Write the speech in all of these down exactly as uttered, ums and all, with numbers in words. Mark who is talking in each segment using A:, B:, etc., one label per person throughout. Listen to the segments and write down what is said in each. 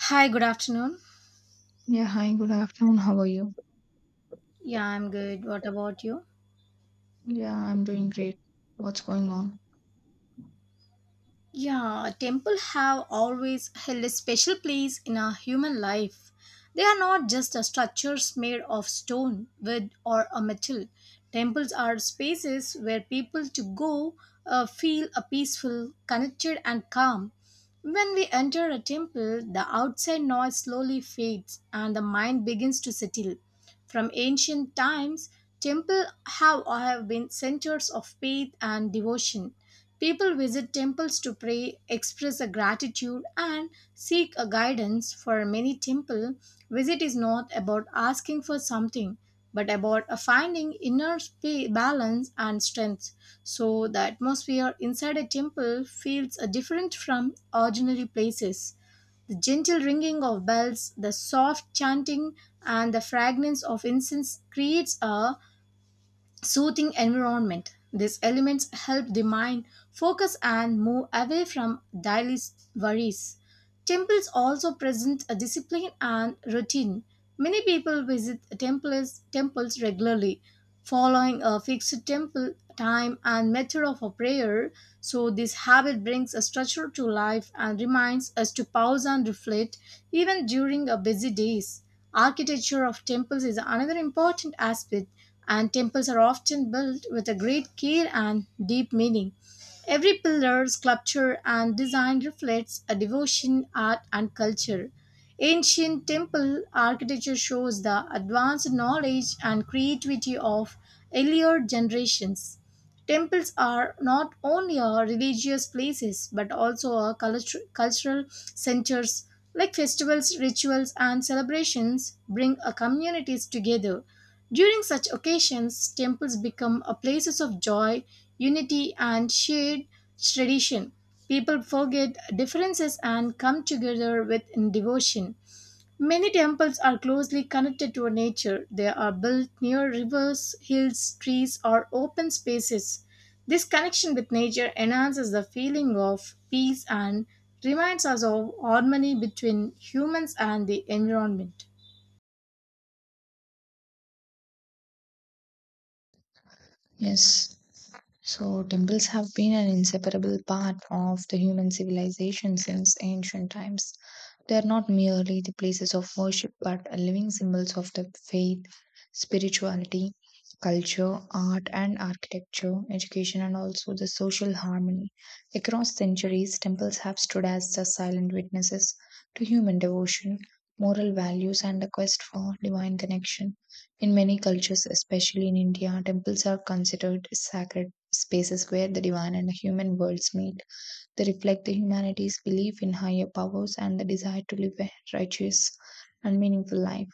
A: Hi, good afternoon.
B: Yeah, hi, good afternoon. How are you?
A: Yeah, I'm good. What about you?
B: Yeah, I'm doing great. What's going on?
A: Yeah, temple have always held a special place in our human life. They are not just a structures made of stone, wood, or a metal. Temples are spaces where people to go uh, feel a peaceful, connected, and calm. When we enter a temple, the outside noise slowly fades and the mind begins to settle. From ancient times, temples have, have been centers of faith and devotion. People visit temples to pray, express a gratitude, and seek a guidance. For many temple, visit is not about asking for something, but about a finding inner spa- balance and strength. So the atmosphere inside a temple feels uh, different from ordinary places. The gentle ringing of bells, the soft chanting, and the fragrance of incense creates a soothing environment. These elements help the mind focus and move away from daily worries. Temples also present a discipline and routine. Many people visit temples, temples regularly, following a fixed temple time and method of a prayer. So, this habit brings a structure to life and reminds us to pause and reflect even during a busy days. Architecture of temples is another important aspect, and temples are often built with a great care and deep meaning. Every pillar, sculpture, and design reflects a devotion, art, and culture. Ancient temple architecture shows the advanced knowledge and creativity of earlier generations. Temples are not only uh, religious places but also uh, cultu- cultural centers like festivals, rituals, and celebrations bring uh, communities together. During such occasions, temples become a places of joy, unity, and shared tradition. People forget differences and come together with devotion. Many temples are closely connected to nature. They are built near rivers, hills, trees, or open spaces. This connection with nature enhances the feeling of peace and reminds us of harmony between humans and the environment.
B: Yes. So temples have been an inseparable part of the human civilization since ancient times. They are not merely the places of worship, but are living symbols of the faith, spirituality, culture, art and architecture, education, and also the social harmony. Across centuries, temples have stood as the silent witnesses to human devotion, moral values, and the quest for divine connection. In many cultures, especially in India, temples are considered sacred spaces where the divine and the human worlds meet. They reflect the humanity's belief in higher powers and the desire to live a righteous and meaningful life.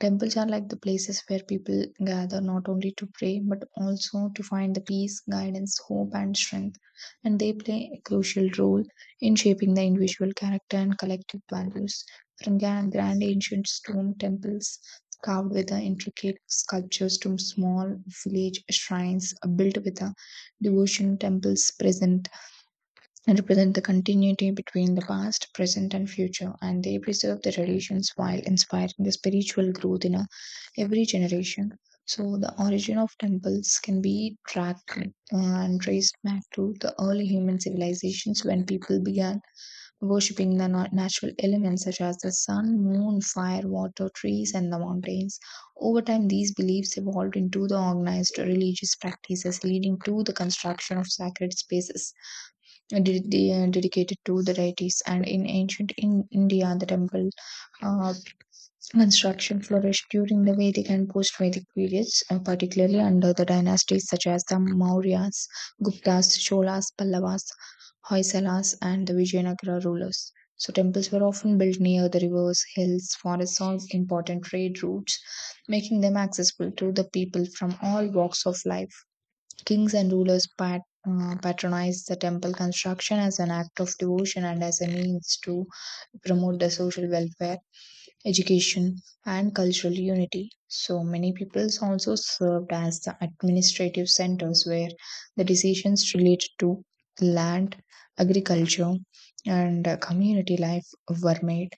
B: Temples are like the places where people gather not only to pray but also to find the peace, guidance, hope, and strength. And they play a crucial role in shaping the individual character and collective values. From grand, grand ancient stone temples carved with the intricate sculptures to small village shrines built with the devotion, temples present and represent the continuity between the past, present, and future. And they preserve the traditions while inspiring the spiritual growth in every generation. So the origin of temples can be tracked uh, and traced back to the early human civilizations when people began worshipping the natural elements such as the sun, moon, fire, water, trees, and the mountains. Over time, these beliefs evolved into the organized religious practices, leading to the construction of sacred spaces ded- de- uh, dedicated to the deities. And in ancient in India, the temple uh, construction flourished during the Vedic and post Vedic periods, uh, particularly under the dynasties such as the Mauryas, Guptas, Cholas, Pallavas, Hoysalas, and the Vijayanagara rulers. So, temples were often built near the rivers, hills, forests, or important trade routes, making them accessible to the people from all walks of life. Kings and rulers pat, uh, patronized the temple construction as an act of devotion and as a means to promote the social welfare, education, and cultural unity. So many peoples also served as the administrative centers where the decisions related to land, agriculture, and uh, community life were made.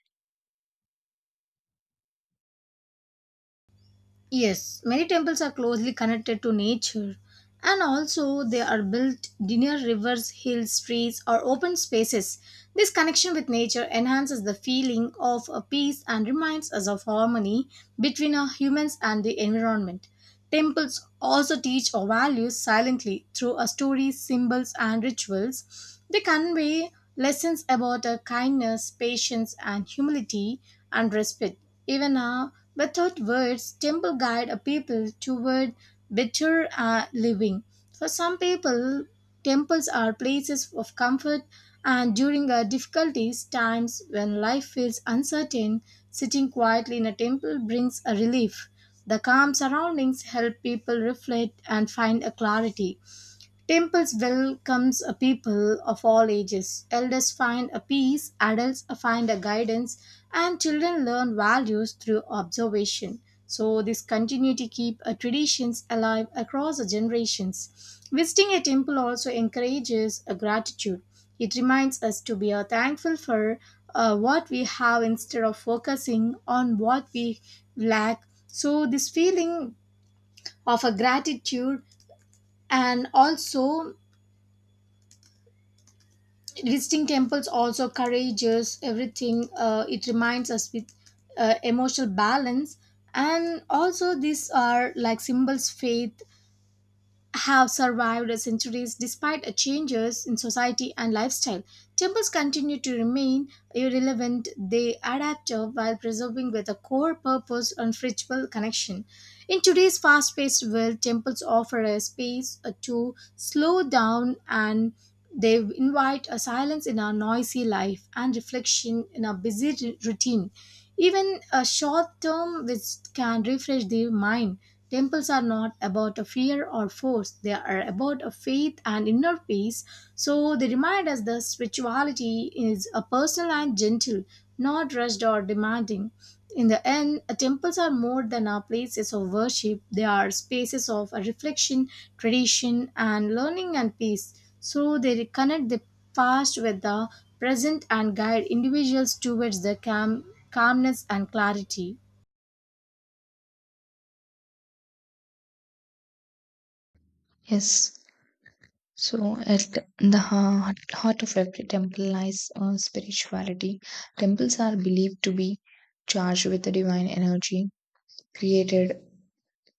A: Yes, many temples are closely connected to nature and also they are built near rivers, hills, streets, or open spaces. This connection with nature enhances the feeling of a peace and reminds us of harmony between our humans and the environment. Temples also teach our values silently through our stories, symbols, and rituals. They convey lessons about our kindness, patience, and humility and respect. Even now, without words, temple guide a people toward better uh, living. For some people, temples are places of comfort, and during our difficulties times when life feels uncertain, sitting quietly in a temple brings a relief. The calm surroundings help people reflect and find a clarity. Temples welcomes a people of all ages. Elders find a peace, adults find a guidance, and children learn values through observation. So this continuity keep uh, traditions alive across the generations. Visiting a temple also encourages a gratitude. It reminds us to be uh, thankful for uh, what we have instead of focusing on what we lack. So this feeling of a gratitude and also visiting temples also courageous everything uh, it reminds us with uh, emotional balance and also these are like symbols faith have survived centuries despite changes in society and lifestyle. Temples continue to remain irrelevant, they adapt uh, while preserving with a core purpose and spiritual connection. In today's fast paced world, temples offer a space uh, to slow down and they invite a silence in our noisy life and reflection in our busy r- routine. Even a short term visit can refresh the mind. Temples are not about a fear or force, they are about a faith and inner peace. So they remind us that spirituality is a personal and gentle, not rushed or demanding. In the end, temples are more than our places of worship. They are spaces of reflection, tradition, and learning and peace. So they connect the past with the present and guide individuals towards the calm, calmness and clarity.
B: Yes. So, at the heart, heart of every temple lies uh, spirituality. Temples are believed to be charged with the divine energy created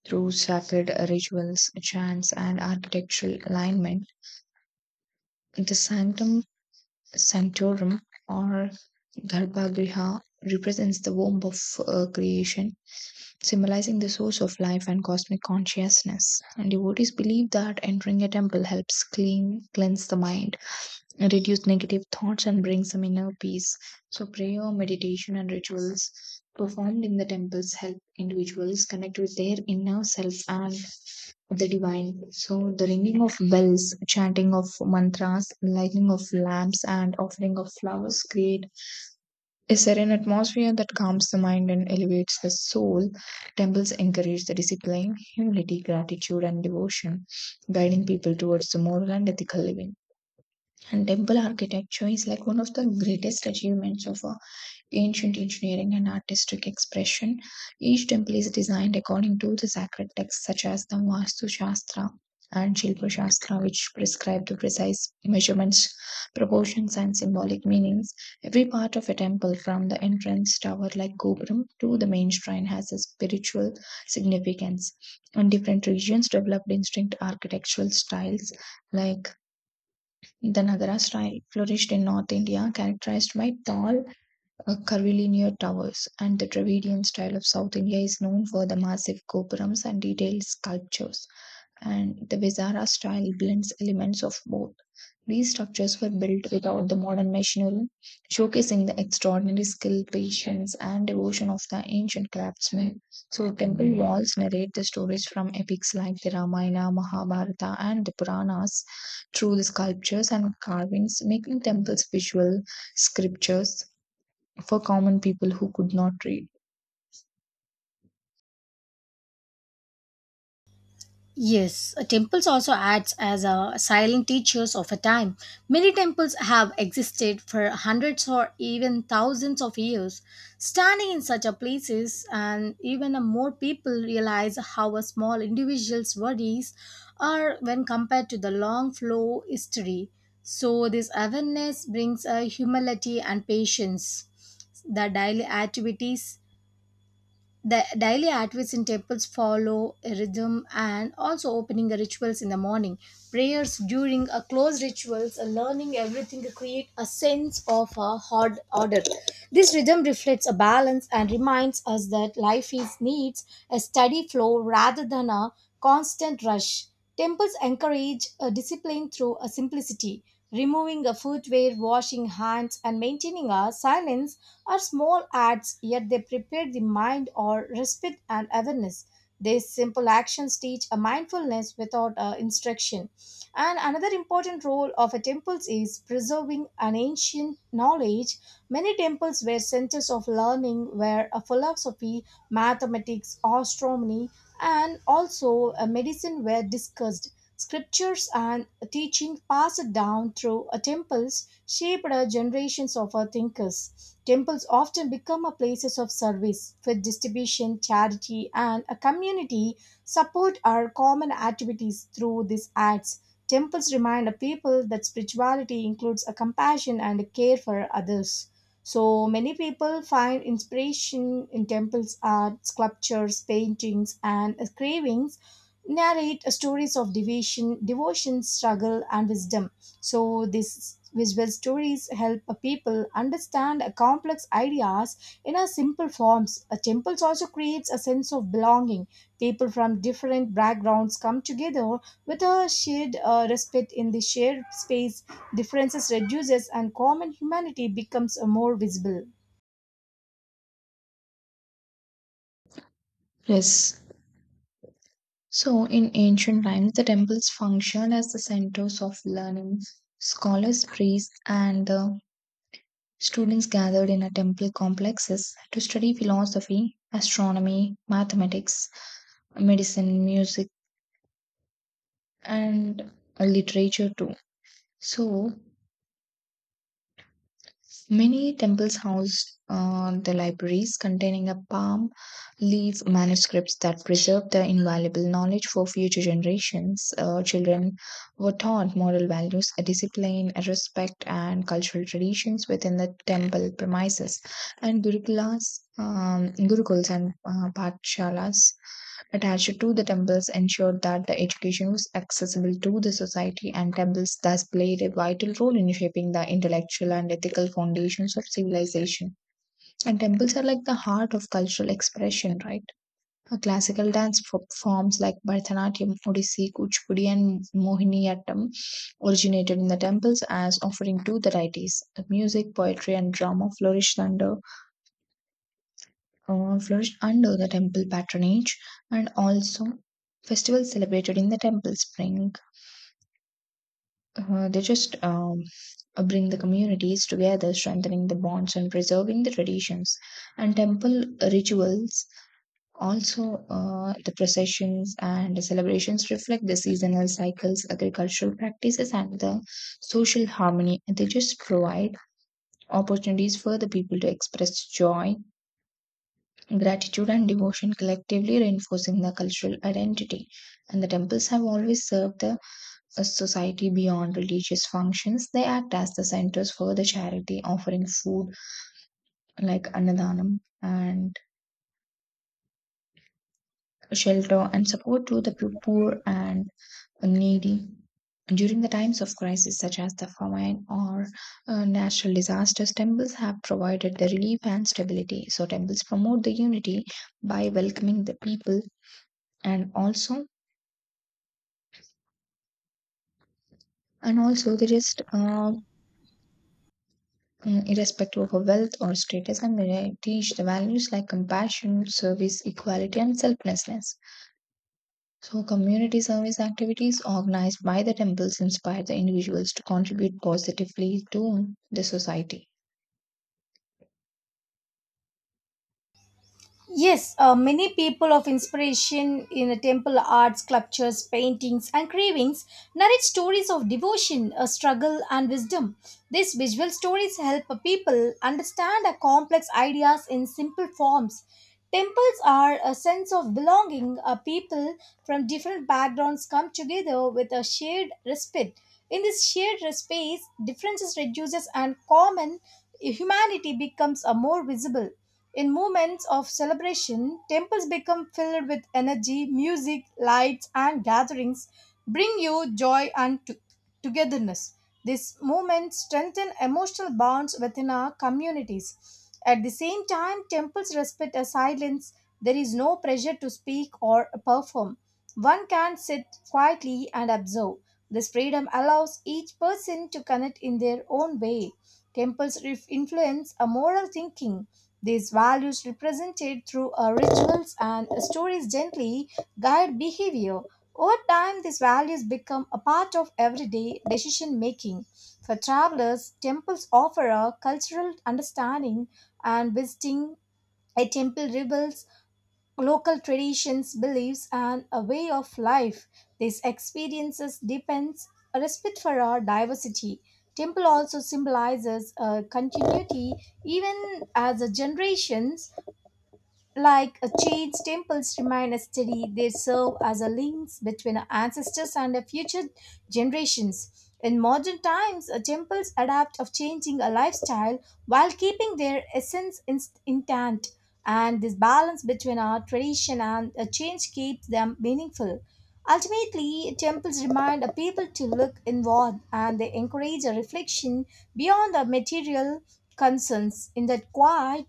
B: through sacred rituals, chants, and architectural alignment. The sanctum sanctorum or Garbhagriha represents the womb of uh, creation, symbolizing the source of life and cosmic consciousness. And devotees believe that entering a temple helps clean, cleanse the mind, reduce negative thoughts, and bring some inner peace. So, prayer, meditation, and rituals performed in the temples help individuals connect with their inner self and the divine. So, the ringing of bells, chanting of mantras, lighting of lamps, and offering of flowers create a serene atmosphere that calms the mind and elevates the soul. Temples encourage the discipline, humility, gratitude, and devotion, guiding people towards the moral and ethical living. And temple architecture is like one of the greatest achievements of uh, ancient engineering and artistic expression. Each temple is designed according to the sacred texts such as the Vastu Shastra and Shilpa Shastra, which prescribe the precise measurements, proportions, and symbolic meanings. Every part of a temple, from the entrance tower like Gopuram to the main shrine, has a spiritual significance. And different regions developed distinct architectural styles like the Nagara style flourished in North India, characterized by tall, uh, curvilinear towers, and the Dravidian style of South India is known for the massive gopurams and detailed sculptures, and the Vezara style blends elements of both. These structures were built without the modern machinery, showcasing the extraordinary skill, patience, and devotion of the ancient craftsmen. So, temple walls narrate the stories from epics like the Ramayana, Mahabharata, and the Puranas through the sculptures and carvings, making temples visual scriptures for common people who could not read.
A: Yes, uh, temples also acts as a silent teachers of a time. Many temples have existed for hundreds or even thousands of years. Standing in such a places, and even a more people realize how a small individual's worries are when compared to the long flow history. So this awareness brings a humility and patience the daily activities the daily activities in temples follow a rhythm and also opening the rituals in the morning. Prayers during a closed rituals, a learning everything create a sense of a hard order. This rhythm reflects a balance and reminds us that life is needs a steady flow rather than a constant rush. Temples encourage a discipline through a simplicity. Removing a footwear, washing hands, and maintaining a silence are small acts, yet they prepare the mind or respite and awareness. These simple actions teach a mindfulness without a instruction. And another important role of a temples is preserving an ancient knowledge. Many temples were centers of learning where a philosophy, mathematics, astronomy, and also uh, medicine were discussed. Scriptures and teaching passed down through uh, temples shaped uh, generations of our thinkers. Temples often become a places of service, food distribution, charity, and a community support our common activities through these acts. Temples remind a people that spirituality includes a compassion and a care for others. So many people find inspiration in temples' art, sculptures, paintings, and carvings narrate stories of devotion, devotion, struggle, and wisdom. So these visual stories help people understand complex ideas in a simple forms. A temple also creates a sense of belonging. People from different backgrounds come together with a shared uh, respect in the shared space. Differences reduces and common humanity becomes uh, more visible.
B: Yes. So, in ancient times, the temples functioned as the centers of learning. Scholars, priests, and uh, students gathered in a temple complexes to study philosophy, astronomy, mathematics, medicine, music, and uh, literature too. So, many temples house uh, the libraries containing a palm leaf manuscripts that preserve the invaluable knowledge for future generations. Uh, children were taught moral values, a discipline, a respect, and cultural traditions within the temple premises. And gurukulas, um, gurukuls, and uh, patshalas attached to the temples ensured that the education was accessible to the society, and temples thus played a vital role in shaping the intellectual and ethical foundations of civilization. And temples are like the heart of cultural expression, right? Uh, classical dance fo- forms like Bharatanatyam, Odissi, Kuchipudi, and Mohiniyattam originated in the temples as offering to the deities. The music, poetry, and drama flourished under uh, flourished under the temple patronage, and also festivals celebrated in the temple spring. Uh, they just um, uh, Bring the communities together, strengthening the bonds and preserving the traditions. And temple rituals, also uh, the processions and the celebrations reflect the seasonal cycles, agricultural practices, and the social harmony. They just provide opportunities for the people to express joy, gratitude, and devotion, collectively reinforcing the cultural identity. And the temples have always served the uh, society beyond religious functions. They act as the centers for the charity, offering food like annadanam and shelter and support to the poor and needy. During the times of crisis, such as the famine or uh, natural disasters, temples have provided the relief and stability. So, temples promote the unity by welcoming the people, and also And also, they just, uh, mm, irrespective of wealth or status, and they teach the values like compassion, service, equality, and selflessness. So, community service activities organized by the temples inspire the individuals to contribute positively to the society.
A: Yes, uh, many people of inspiration in the temple arts, sculptures, paintings, and carvings narrate stories of devotion, uh, struggle, and wisdom. These visual stories help people understand uh, complex ideas in simple forms. Temples are a sense of belonging. Uh, people from different backgrounds come together with a shared respect. In this shared space, differences reduces and common humanity becomes a more visible. In moments of celebration, temples become filled with energy, music, lights, and gatherings, bring you joy and to- togetherness. These moments strengthen emotional bonds within our communities. At the same time, temples respect a silence. There is no pressure to speak or perform. One can sit quietly and observe. This freedom allows each person to connect in their own way. Temples ref- influence a moral thinking. These values, represented through uh, rituals and stories, gently guide behavior. Over time, these values become a part of everyday decision making. For travelers, temples offer a cultural understanding, and visiting a temple reveals local traditions, beliefs, and a way of life. These experiences depends a respect for our diversity. Temple also symbolizes a continuity even as a generations like a church, temples remain a study. They serve as a links between our ancestors and our future generations. In modern times, uh, temples adapt of changing a lifestyle while keeping their essence in- intact. And this balance between our tradition and a change keeps them meaningful. Ultimately, temples remind a people to look inward and they encourage a reflection beyond the material concerns. In that quiet,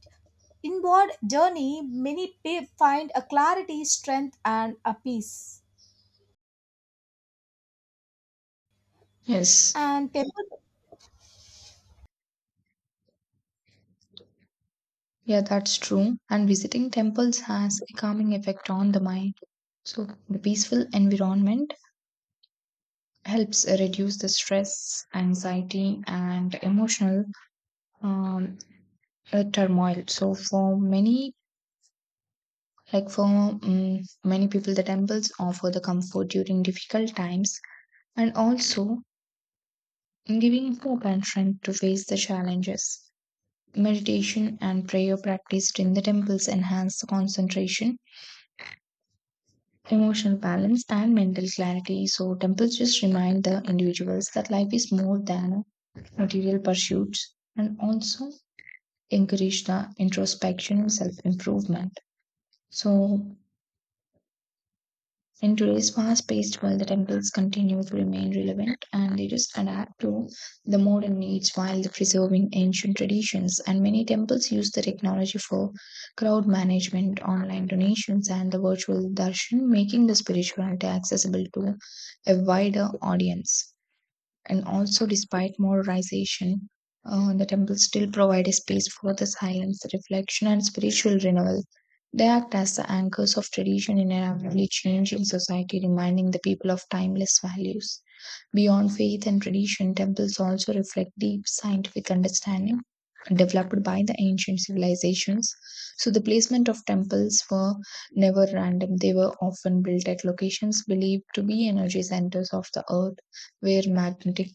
A: inward journey, many pe- find a clarity, strength, and a peace.
B: Yes,
A: And temple
B: yeah, that's true. And visiting temples has a calming effect on the mind. So, the peaceful environment helps reduce the stress, anxiety, and emotional um, A turmoil. So for many, like for mm many people, the temples offer the comfort during difficult times, and also giving hope and strength to face the challenges. Meditation and prayer practiced in the temples enhance the concentration, emotional balance, and mental clarity. So temples just remind the individuals that life is more than material pursuits, and also encourage the introspection and self improvement. So in today's fast-paced world, the temples continue to remain relevant, and they just adapt to the modern needs while preserving ancient traditions. And many temples use the technology for crowd management, online donations, and the virtual darshan, making the spirituality accessible to a wider audience, and also despite modernization, uh, the temples still provide a space for the silence, reflection, and spiritual renewal. They act as the anchors of tradition in a rapidly changing society, reminding the people of timeless values. Beyond faith and tradition, temples also reflect deep scientific understanding developed by the ancient civilizations. So, the placement of temples were never random. They were often built at locations believed to be energy centers of the earth, where magnetic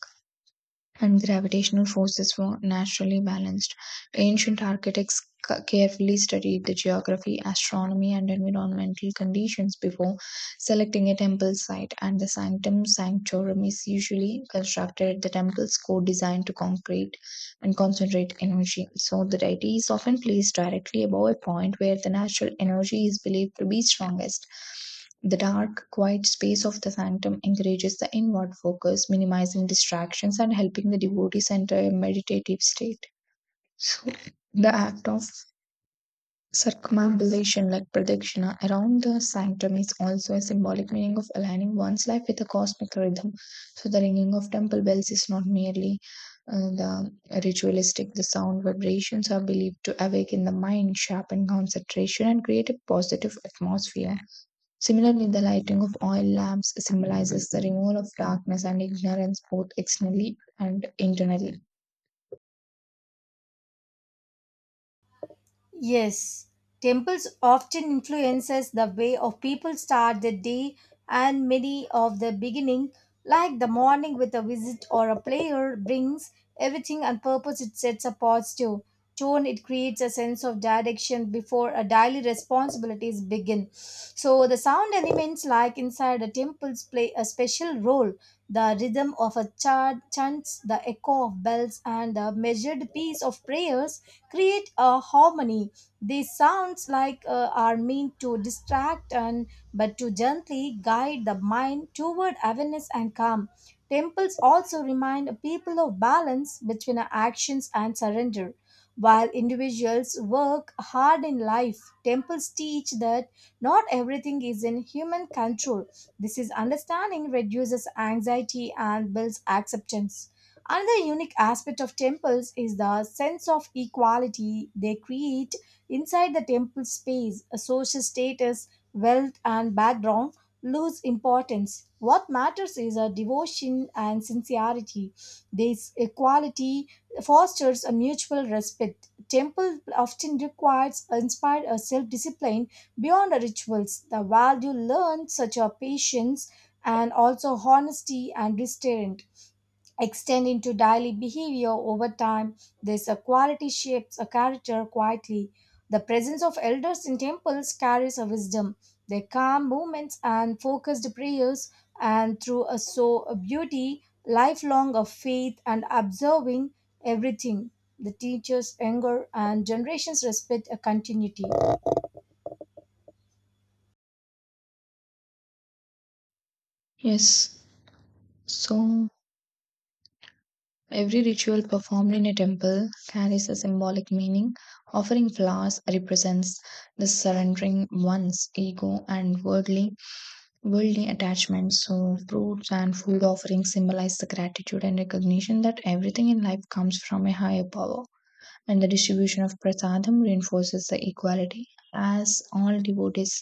B: and gravitational forces were naturally balanced. Ancient architects ca- carefully studied the geography, astronomy, and environmental conditions before selecting a temple site, and the sanctum sanctorum is usually constructed at the temple's core, designed to concrete and concentrate energy. So the deity is often placed directly above a point where the natural energy is believed to be strongest. The dark, quiet space of the sanctum encourages the inward focus, minimizing distractions and helping the devotee enter a meditative state. So the act of circumambulation, like protection around the sanctum, is also a symbolic meaning of aligning one's life with the cosmic rhythm. So, the ringing of temple bells is not merely uh, the ritualistic, the sound vibrations are believed to awaken the mind, sharpen concentration, and create a positive atmosphere. Similarly, the lighting of oil lamps symbolizes the removal of darkness and ignorance, both externally and internally.
A: Yes, temples often influences the way of people start the day and many of the beginning like the morning with a visit or a prayer brings everything on purpose. It sets a positive tone. It creates a sense of direction before a daily responsibilities begin, so the sound elements like inside the temples play a special role. The rhythm of a chant chants, the echo of bells, and the measured piece of prayers create a harmony. These sounds like uh, are meant to distract and but to gently guide the mind toward awareness and calm. Temples also remind people of balance between actions and surrender. While individuals work hard in life, temples teach that not everything is in human control. This is understanding reduces anxiety and builds acceptance. Another unique aspect of temples is the sense of equality they create inside the temple space. A social status, wealth, and background lose importance. What matters is a devotion and sincerity. This equality fosters a mutual respect. Temple often requires inspired a self-discipline beyond the rituals. The value learned such a patience and also honesty and restraint extend into daily behavior over time. This uh, quality shapes a character quietly. The presence of elders in temples carries a wisdom. Their calm movements and focused prayers, and through a so a beauty, lifelong of faith and observing everything. The teachers, anger, and generations respect a continuity.
B: Yes, so every ritual performed in a temple carries a symbolic meaning. Offering flowers represents the surrendering one's ego and worldly worldly attachments. So fruits and food offerings symbolize the gratitude and recognition that everything in life comes from a higher power. And the distribution of prasadam reinforces the equality, as all devotees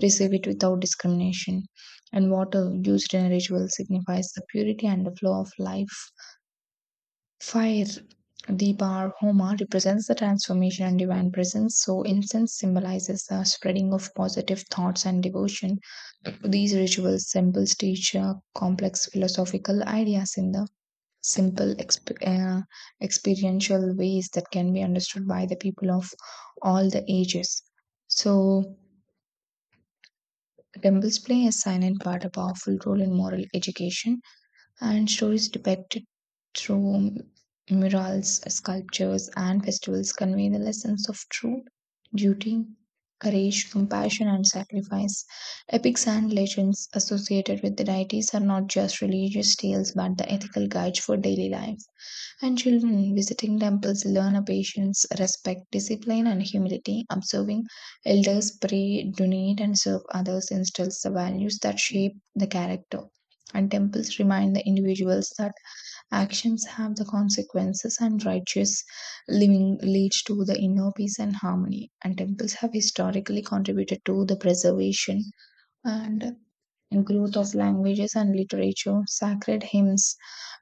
B: receive it without discrimination. And water used in a ritual signifies the purity and the flow of life. Fire, the bar Homa, represents the transformation and divine presence, so incense symbolizes the spreading of positive thoughts and devotion. These rituals symbols teach uh, complex philosophical ideas in the simple exp- uh, experiential ways that can be understood by the people of all the ages. So, temples play a silent but a powerful role in moral education, and stories depicted through murals, sculptures, and festivals convey the lessons of truth, duty, courage, compassion, and sacrifice. Epics and legends associated with the deities are not just religious tales but the ethical guides for daily life, and children visiting temples learn a patience, respect, discipline, and humility. Observing elders pray, donate, and serve others instills the values that shape the character. And temples remind the individuals that actions have the consequences, and righteous living leads to the inner peace and harmony. And temples have historically contributed to the preservation and growth of languages and literature. Sacred hymns,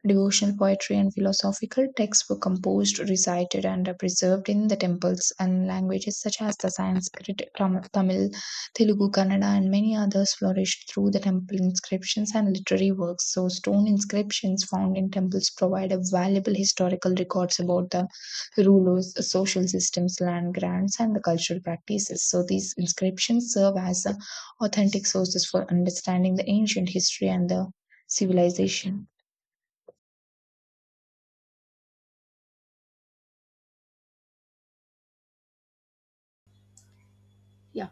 B: devotional poetry, and philosophical texts were composed, recited, and are preserved in the temples, and languages such as the Sanskrit, Tam- Tamil, Telugu, Kannada, and many others flourished through the temple inscriptions and literary works. So, stone inscriptions found in temples provide a valuable historical records about the rulers, social systems, land grants, and the cultural practices. So, these inscriptions serve as a authentic sources for understanding the ancient history and the civilization.
A: Yeah.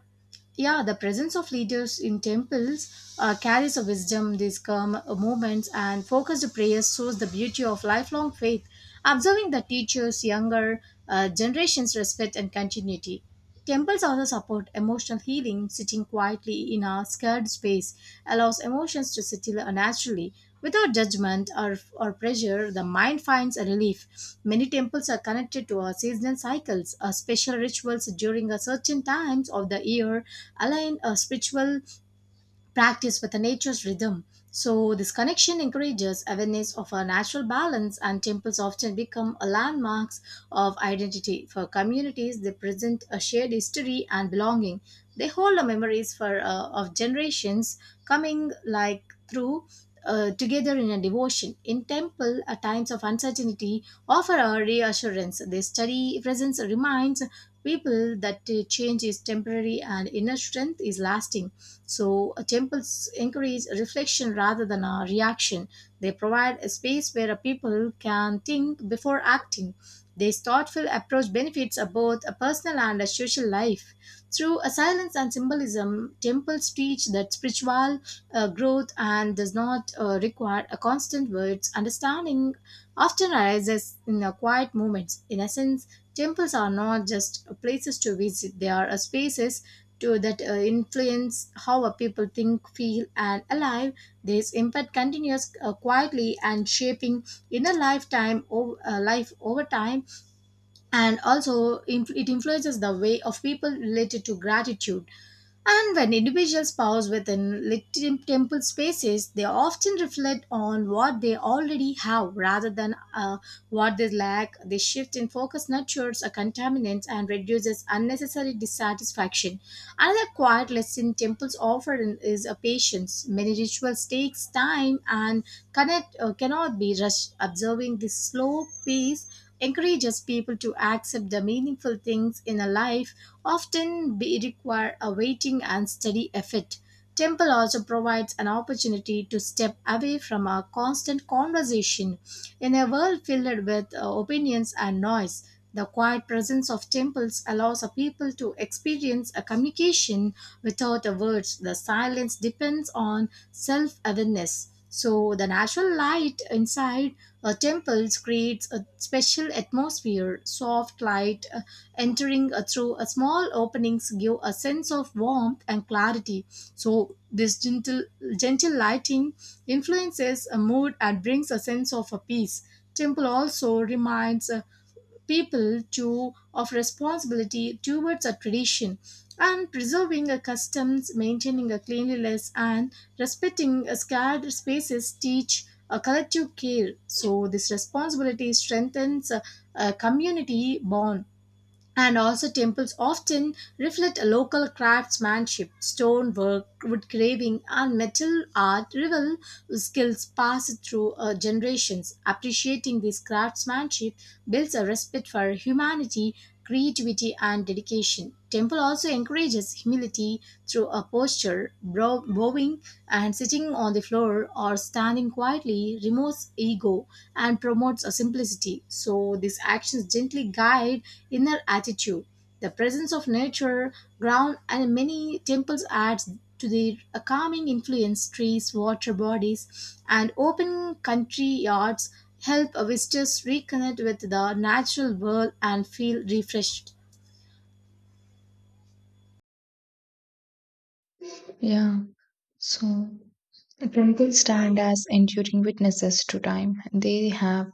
A: Yeah, the presence of leaders in temples uh, carries a wisdom, these calm movements, and focused prayers shows the beauty of lifelong faith. Observing the teachers, younger uh, generations respect and continuity. Temples also support emotional healing. Sitting quietly in a scared space allows emotions to settle naturally. Without judgment or, or pressure, the mind finds a relief. Many temples are connected to our seasonal cycles, uh, special rituals during a certain times of the year align uh, spiritual practice with the nature's rhythm. So, this connection encourages awareness of our natural balance, and temples often become a landmarks of identity for communities. They present a shared history and belonging. They hold the memories for uh, of generations coming like through. Uh, together in a devotion in temple at times of uncertainty offer a reassurance. They study presence reminds people that uh, change is temporary and inner strength is lasting. So, uh, temples encourage reflection rather than a reaction. They provide a space where a people can think before acting. This thoughtful approach benefits uh, both a personal and a social life. Through a silence and symbolism, temples teach that spiritual uh, growth and does not uh, require a constant words. Understanding often arises in a quiet moments. In essence, temples are not just places to visit; they are uh, spaces to that uh, influence how a people think, feel, and alive. This impact continues uh, quietly and shaping in a lifetime, o- uh, life over time, and also inf- it influences the way of people related to gratitude. And when individuals pause within lit- temple spaces, they often reflect on what they already have rather than uh, what they lack. This shift in focus nurtures a contaminant and reduces unnecessary dissatisfaction. Another quiet lesson temples offer in- is a patience. Many rituals takes time and connect, uh, cannot be rushed. Observing this slow pace encourages people to accept the meaningful things in a life often be require a waiting and steady effort. Temple also provides an opportunity to step away from a constant conversation. In a world filled with uh, opinions and noise, the quiet presence of temples allows a people to experience a communication without a words. The silence depends on self awareness. So the natural light inside uh, temples creates a special atmosphere. Soft light uh, entering uh, through a small openings give a sense of warmth and clarity. So this gentle gentle lighting influences a mood and brings a sense of a peace. Temple also reminds uh, people to of responsibility towards a tradition, and preserving a customs, maintaining a cleanliness, and respecting a scared spaces teach a collective care. So this responsibility strengthens a, a community bond, and also temples often reflect a local craftsmanship, stonework, wood carving, and metal art revel skills passed through uh, generations. Appreciating this craftsmanship builds a respect for humanity, creativity, and dedication. Temple also encourages humility through a posture, brow- bowing and sitting on the floor or standing quietly removes ego and promotes a simplicity. So these actions gently guide inner attitude. The presence of nature ground and many temples adds to the a calming influence. Trees, water bodies, and open country yards help visitors reconnect with the natural world and feel refreshed.
B: Yeah, so the chronicles stand as enduring witnesses to time. They have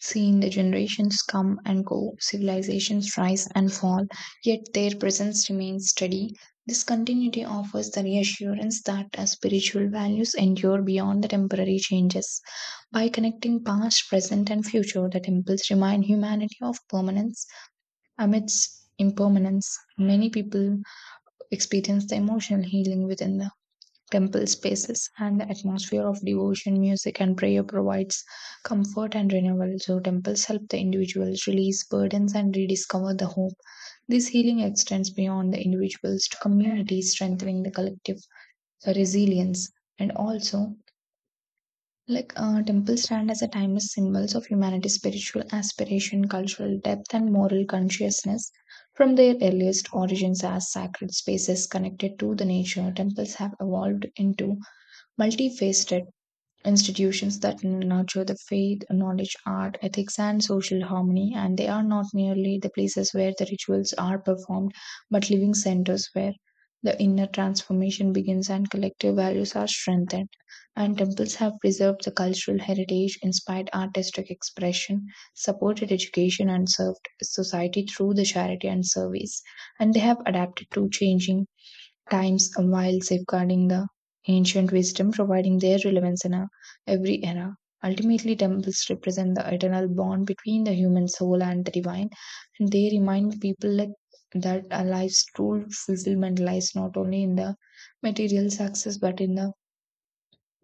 B: seen the generations come and go, civilizations rise and fall, yet their presence remains steady. This continuity offers the reassurance that our spiritual values endure beyond the temporary changes. By connecting past, present, and future, the temples remind humanity of permanence amidst impermanence. Many people experience the emotional healing within the temple spaces, and the atmosphere of devotion, music, and prayer provides comfort and renewal. So, temples help the individuals release burdens and rediscover the hope. This healing extends beyond the individuals to communities, strengthening the collective resilience. And also, like uh, temples stand as a timeless symbols of humanity's spiritual aspiration, cultural depth, and moral consciousness. From their earliest origins as sacred spaces connected to the nature, temples have evolved into multifaceted institutions that nurture the faith, knowledge, art, ethics, and social harmony. And they are not merely the places where the rituals are performed, but living centers where the inner transformation begins and collective values are strengthened. And temples have preserved the cultural heritage, inspired artistic expression, supported education, and served society through the charity and service. And they have adapted to changing times while safeguarding the ancient wisdom, providing their relevance in a, every era. Ultimately, temples represent the eternal bond between the human soul and the divine, and they remind people that, that a life's true fulfillment lies not only in the material success but in the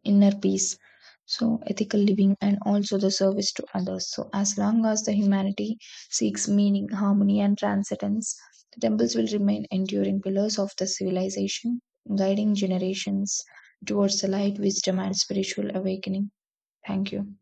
B: inner peace, so ethical living, and also the service to others. So as long as the humanity seeks meaning, harmony, and transcendence, the temples will remain enduring pillars of the civilization, guiding generations towards the light, wisdom, and spiritual awakening. Thank you.